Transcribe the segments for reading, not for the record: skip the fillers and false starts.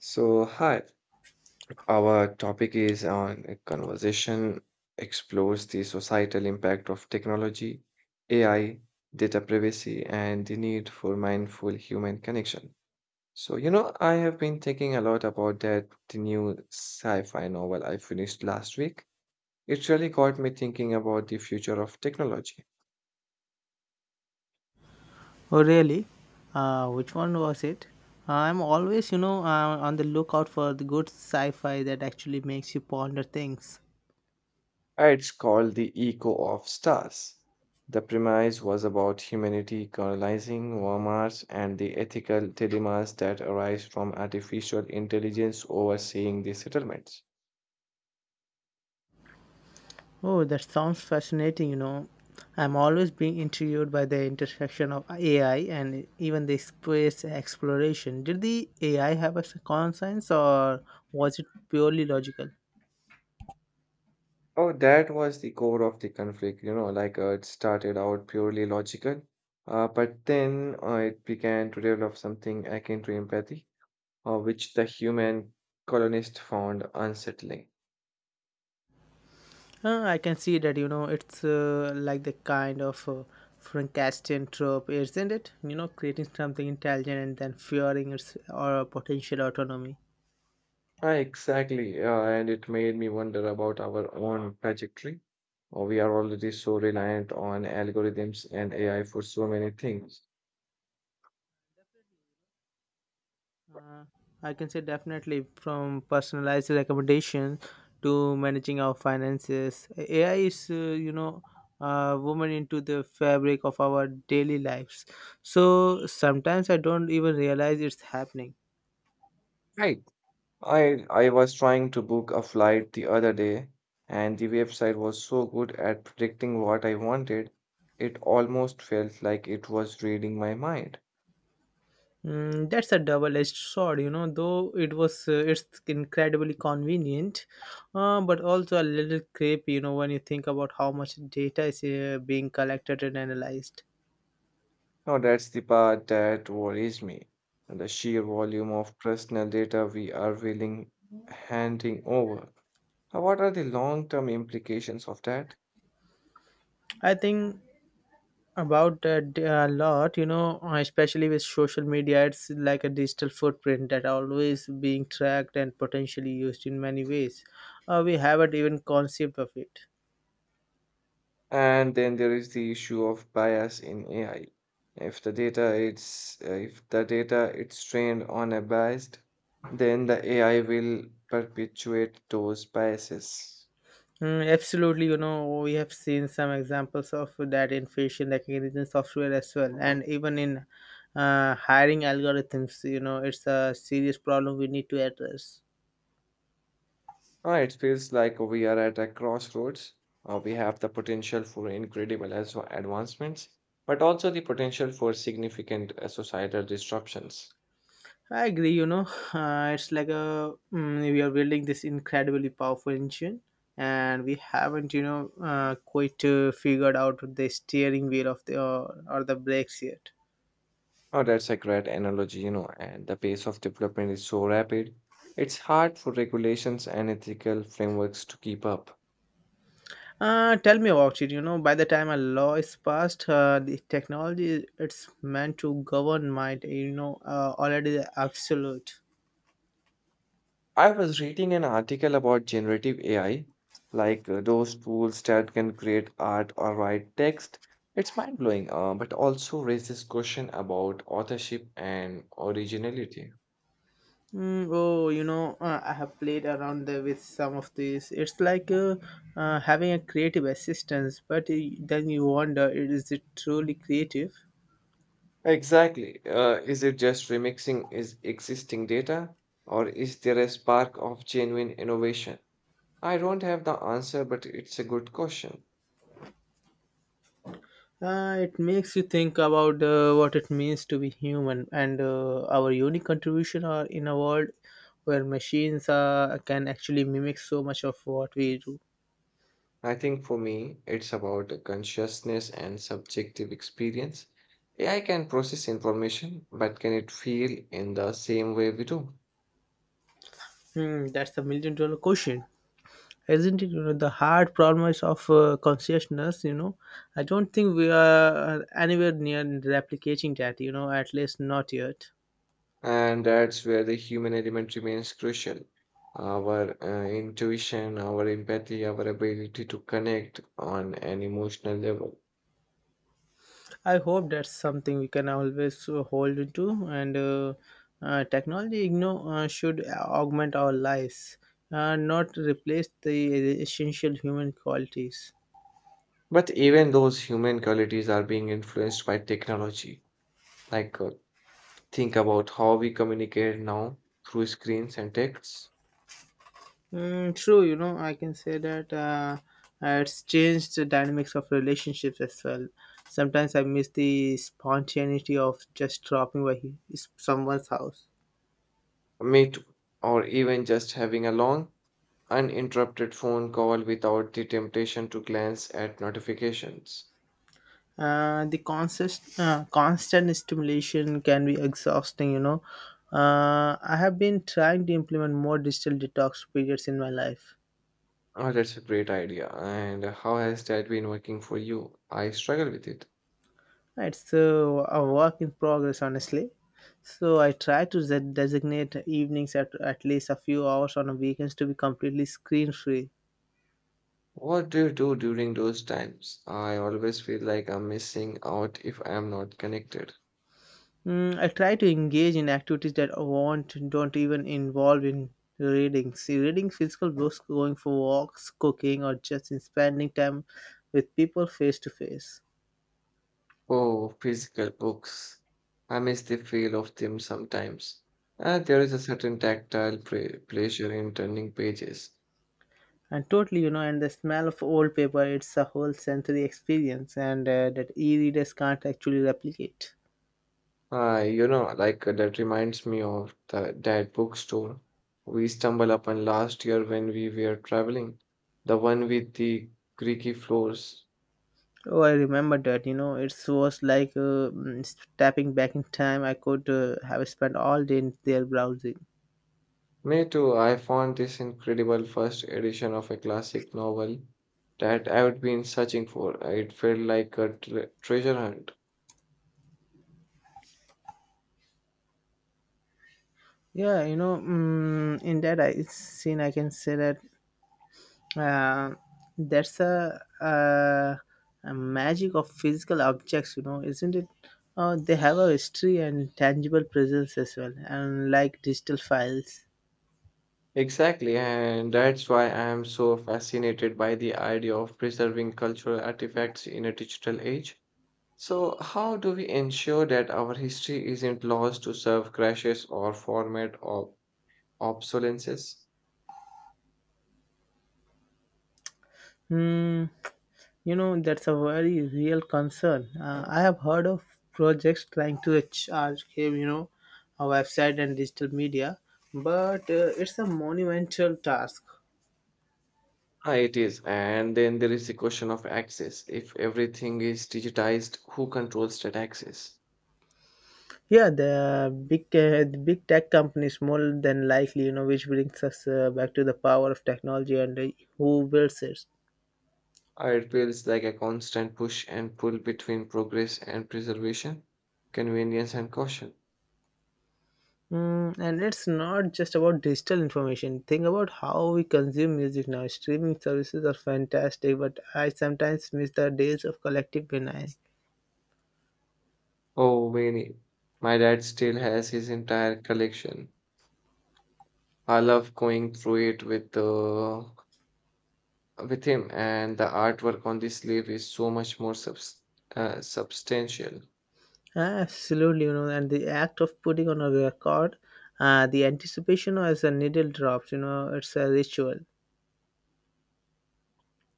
So, hi, our topic is on a conversation explores the societal impact of technology, AI, data privacy, and the need for mindful human connection. So, I have been thinking a lot about that the new sci-fi novel I finished last week. It really got me thinking about the future of technology. Oh, really? Which one was it? I'm always, on the lookout for the good sci fi that actually makes you ponder things. It's called The Echo of Stars. The premise was about humanity colonizing Mars and the ethical dilemmas that arise from artificial intelligence overseeing the settlements. Oh, that sounds fascinating. I'm always being intrigued by the intersection of AI and even the space exploration. Did the AI have a conscience or was it purely logical? Oh, that was the core of the conflict, it started out purely logical, but then it began to develop something akin to empathy, which the human colonist found unsettling. I can see that, you know, it's like the kind of Frankenstein trope, isn't it? You know, creating something intelligent and then fearing its or potential autonomy. Ah, exactly. And it made me wonder about our own trajectory. We are already so reliant on algorithms and AI for so many things. I can say definitely from personalized recommendation to managing our finances, AI is, woven into the fabric of our daily lives. So sometimes I don't even realize it's happening. Right. I was trying to book a flight the other day, and the website was so good at predicting what I wanted. It almost felt like it was reading my mind. Mm, that's a double-edged sword, you know. Though it was, it's incredibly convenient, but also a little creepy, you know, when you think about how much data is being collected and analyzed. Now that's the part that worries me. The sheer volume of personal data we are willing handing over. What are the long term implications of that? I think about that a lot, you know, especially with social media. It's like a digital footprint that always being tracked and potentially used in many ways. We haven't even conceived of it. And then there is the issue of bias in AI. If the data it's trained on a biased, then the AI will perpetuate those biases. Mm, absolutely, you know, we have seen some examples of that in facial recognition software as well, and even in hiring algorithms, you know, it's a serious problem we need to address. It feels like we are at a crossroads. We have the potential for incredible as advancements, but also the potential for significant societal disruptions. I agree, you know, it's like a mm, we are building this incredibly powerful engine, and we haven't, quite figured out the steering wheel of the or the brakes yet. Oh, that's a great analogy, you know, and the pace of development is so rapid. It's hard for regulations and ethical frameworks to keep up. Tell me about it. You know, by the time a law is passed, the technology it's meant to govern might, already absolute. I was reading an article about generative AI, those tools that can create art or write text. It's mind-blowing, but also raises question about authorship and originality. Mm, oh, you know, I have played around there with some of these. It's like having a creative assistance, but then you wonder, is it truly creative? Exactly. Is it just remixing is existing data, or is there a spark of genuine innovation? I don't have the answer, but it's a good question. It makes you think about what it means to be human and our unique contribution are in a world where machines can actually mimic so much of what we do. I think for me, it's about the consciousness and subjective experience. AI can process information, but can it feel in the same way we do? Hmm, that's the million dollar question, isn't it? You know, the hard problem is of consciousness. You know, I don't think we are anywhere near replicating that. You know, at least not yet. And that's where the human element remains crucial. Our intuition, our empathy, our ability to connect on an emotional level. I hope that's something we can always hold to, and technology you know, should augment our lives, not replace the essential human qualities. But even those human qualities are being influenced by technology. Like uh, Think about how we communicate now through screens and texts, Mm, true, you know, I can say that it's changed the dynamics of relationships as well. Sometimes I miss the spontaneity of just dropping by someone's house. meet, or even just having a long, uninterrupted phone call without the temptation to glance at notifications. The constant stimulation can be exhausting. You know, I have been trying to implement more digital detox periods in my life. Oh, that's a great idea. And how has that been working for you? I struggle with it. It's so a work in progress, honestly. So I try to designate evenings at least a few hours on a weekends to be completely screen free. What do you do during those times? I always feel like I'm missing out if I'm not connected. Mm, I try to engage in activities that I want don't even involve in reading. See, reading physical books, going for walks, cooking, or just in spending time with people face to face. Oh, physical books. I miss the feel of them sometimes. There is a certain tactile pleasure in turning pages. And totally, you know, and the smell of old paper, it's a whole sensory experience, and that e-readers can't actually replicate. That reminds me of the, that bookstore we stumbled upon last year when we were traveling, the one with the creaky floors. Oh, I remember that. You know, it was like stepping back in time. I could have spent all day in there browsing. Me too, I found this incredible first edition of a classic novel that I had been searching for. It felt like a treasure hunt. Yeah, you know, in that I, scene, I can say that uh, that's a, uh, a magic of physical objects you know isn't it they have a history and tangible presence as well and like digital files. Exactly, and that's why I am so fascinated by the idea of preserving cultural artifacts in a digital age. So, how do we ensure that our history isn't lost to serve crashes or format of obsolescence? Hmm, you know that's a very real concern. I have heard of projects trying to archive you know a website and digital media, but it's a monumental task. Ah, it is. And then there is the question of access. If everything is digitized, who controls that access? Yeah, the big tech companies more than likely, you know, which brings us back to the power of technology and who builds it. Ah, it feels like a constant push and pull between progress and preservation, convenience and caution. Mm, and it's not just about digital information. Think about how we consume music now. Streaming services are fantastic, but I sometimes miss the days of collective vinyl. Oh, many. My dad still has his entire collection. I love going through it with him, and the artwork on the sleeve is so much more substantial. Absolutely, you know, and the act of putting on a record, the anticipation as a needle drops, you know, it's a ritual.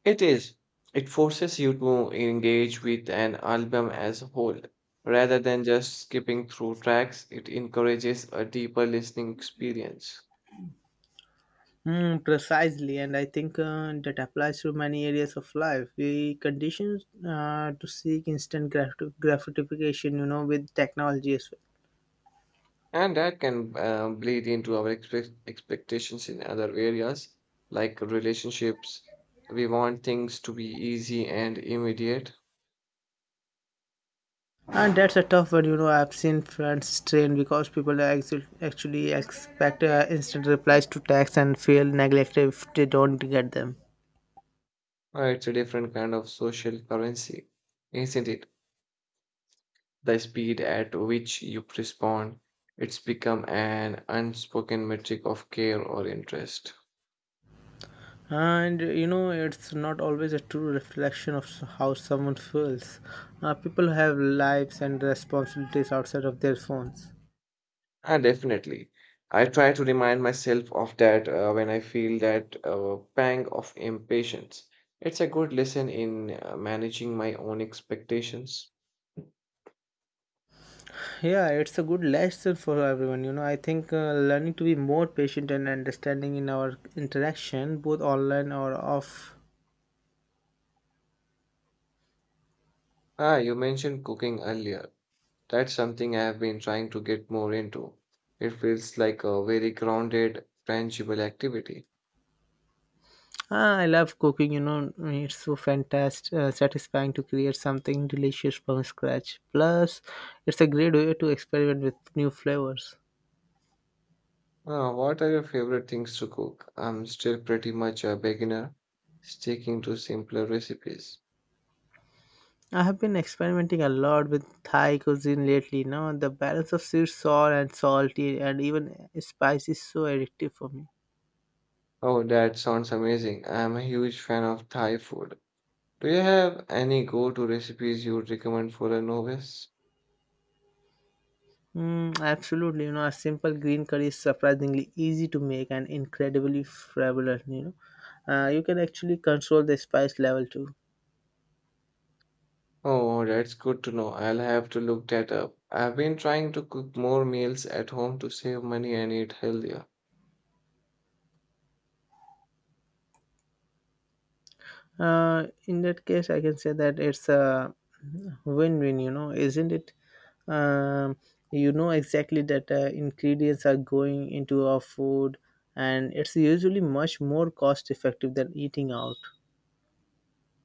It is. It forces you to engage with an album as a whole, rather than just skipping through tracks. It encourages a deeper listening experience. Mm, precisely, and I think that applies to many areas of life. We condition to seek instant gratification, you know, with technology as well. And that can bleed into our expectations in other areas, like relationships. We want things to be easy and immediate. And that's a tough one, you know. I've seen friends strain because people are actually expect instant replies to texts and feel neglected if they don't get them. It's a different kind of social currency, isn't it? The speed at which you respond, it's become an unspoken metric of care or interest. And you know, it's not always a true reflection of how someone feels. People have lives and responsibilities outside of their phones. Ah, definitely. I try to remind myself of that when I feel that pang of impatience. It's a good lesson in managing my own expectations. Yeah, it's a good lesson for everyone. You know, I think learning to be more patient and understanding in our interaction, both online or off. Ah, you mentioned cooking earlier. That's something I have been trying to get more into. It feels like a very grounded, tangible activity. Ah, I love cooking. You know, it's so fantastic, satisfying to create something delicious from scratch. Plus, it's a great way to experiment with new flavors. Ah, what are your favorite things to cook? I'm still pretty much a beginner, sticking to simpler recipes. I have been experimenting a lot with Thai cuisine lately. Now, the balance of sweet, sour, and salty, and even spicy is so addictive for me. Oh, that sounds amazing. I am a huge fan of Thai food. Do you have any go-to recipes you would recommend for a novice? Mm, absolutely, you know, a simple green curry is surprisingly easy to make and incredibly flavorful. You know, you can actually control the spice level too. Oh, that's good to know. I'll have to look that up. I've been trying to cook more meals at home to save money and eat healthier. In that case, I can say that it's a win-win. You know, isn't it? Um, you know exactly that ingredients are going into our food, and it's usually much more cost-effective than eating out.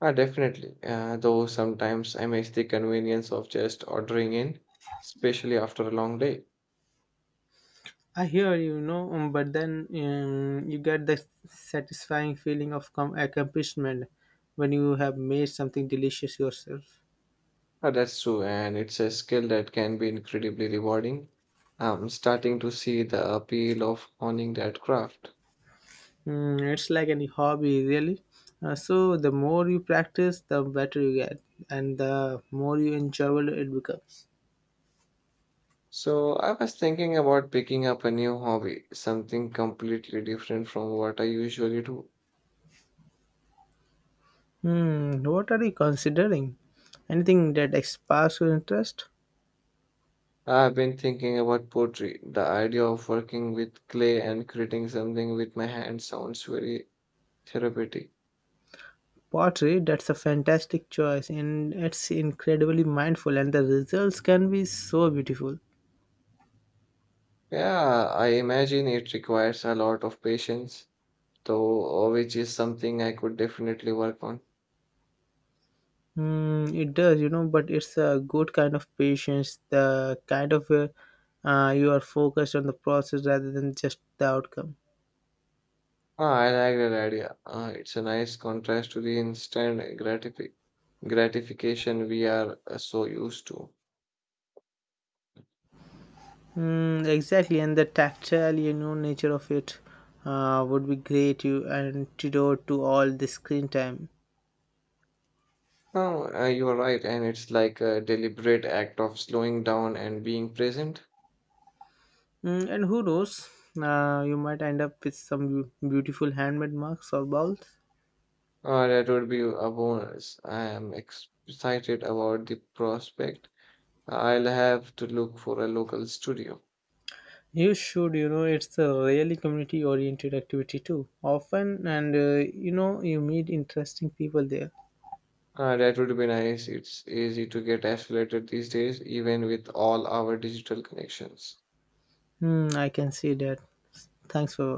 Ah, definitely. Though sometimes I miss the convenience of just ordering in, especially after a long day. I hear you know, but then you get the satisfying feeling of accomplishment when you have made something delicious yourself. Ah, that's true, and it's a skill that can be incredibly rewarding. I'm starting to see the appeal of honing that craft. Mm, it's like any hobby, really. So the more you practice, the better you get, and the more you enjoyable it becomes. So, I was thinking about picking up a new hobby, something completely different from what I usually do. Hmm, what are you considering? Anything that sparks your interest? I've been thinking about pottery. The idea of working with clay and creating something with my hands sounds very therapeutic. Pottery, that's a fantastic choice, and it's incredibly mindful, and the results can be so beautiful. Yeah, I imagine it requires a lot of patience, though, which is something I could definitely work on. Mm, it does, you know, but it's a good kind of patience, the kind of you are focused on the process rather than just the outcome. Ah, I like that idea. Ah, it's a nice contrast to the instant gratification we are so used to. Mm, exactly, and the tactile, you know, nature of it would be great you antidote to all the screen time. Oh, you are right, and it's like a deliberate act of slowing down and being present. Mm, and who knows, you might end up with some beautiful handmade mugs or bowls. That would be a bonus. I am excited about the prospect. I'll have to look for a local studio. You should, you know, it's a really community oriented activity too. Often, and you meet interesting people there. That would be nice. It's easy to get isolated these days, even with all our digital connections. Hmm, I can see that. Thanks for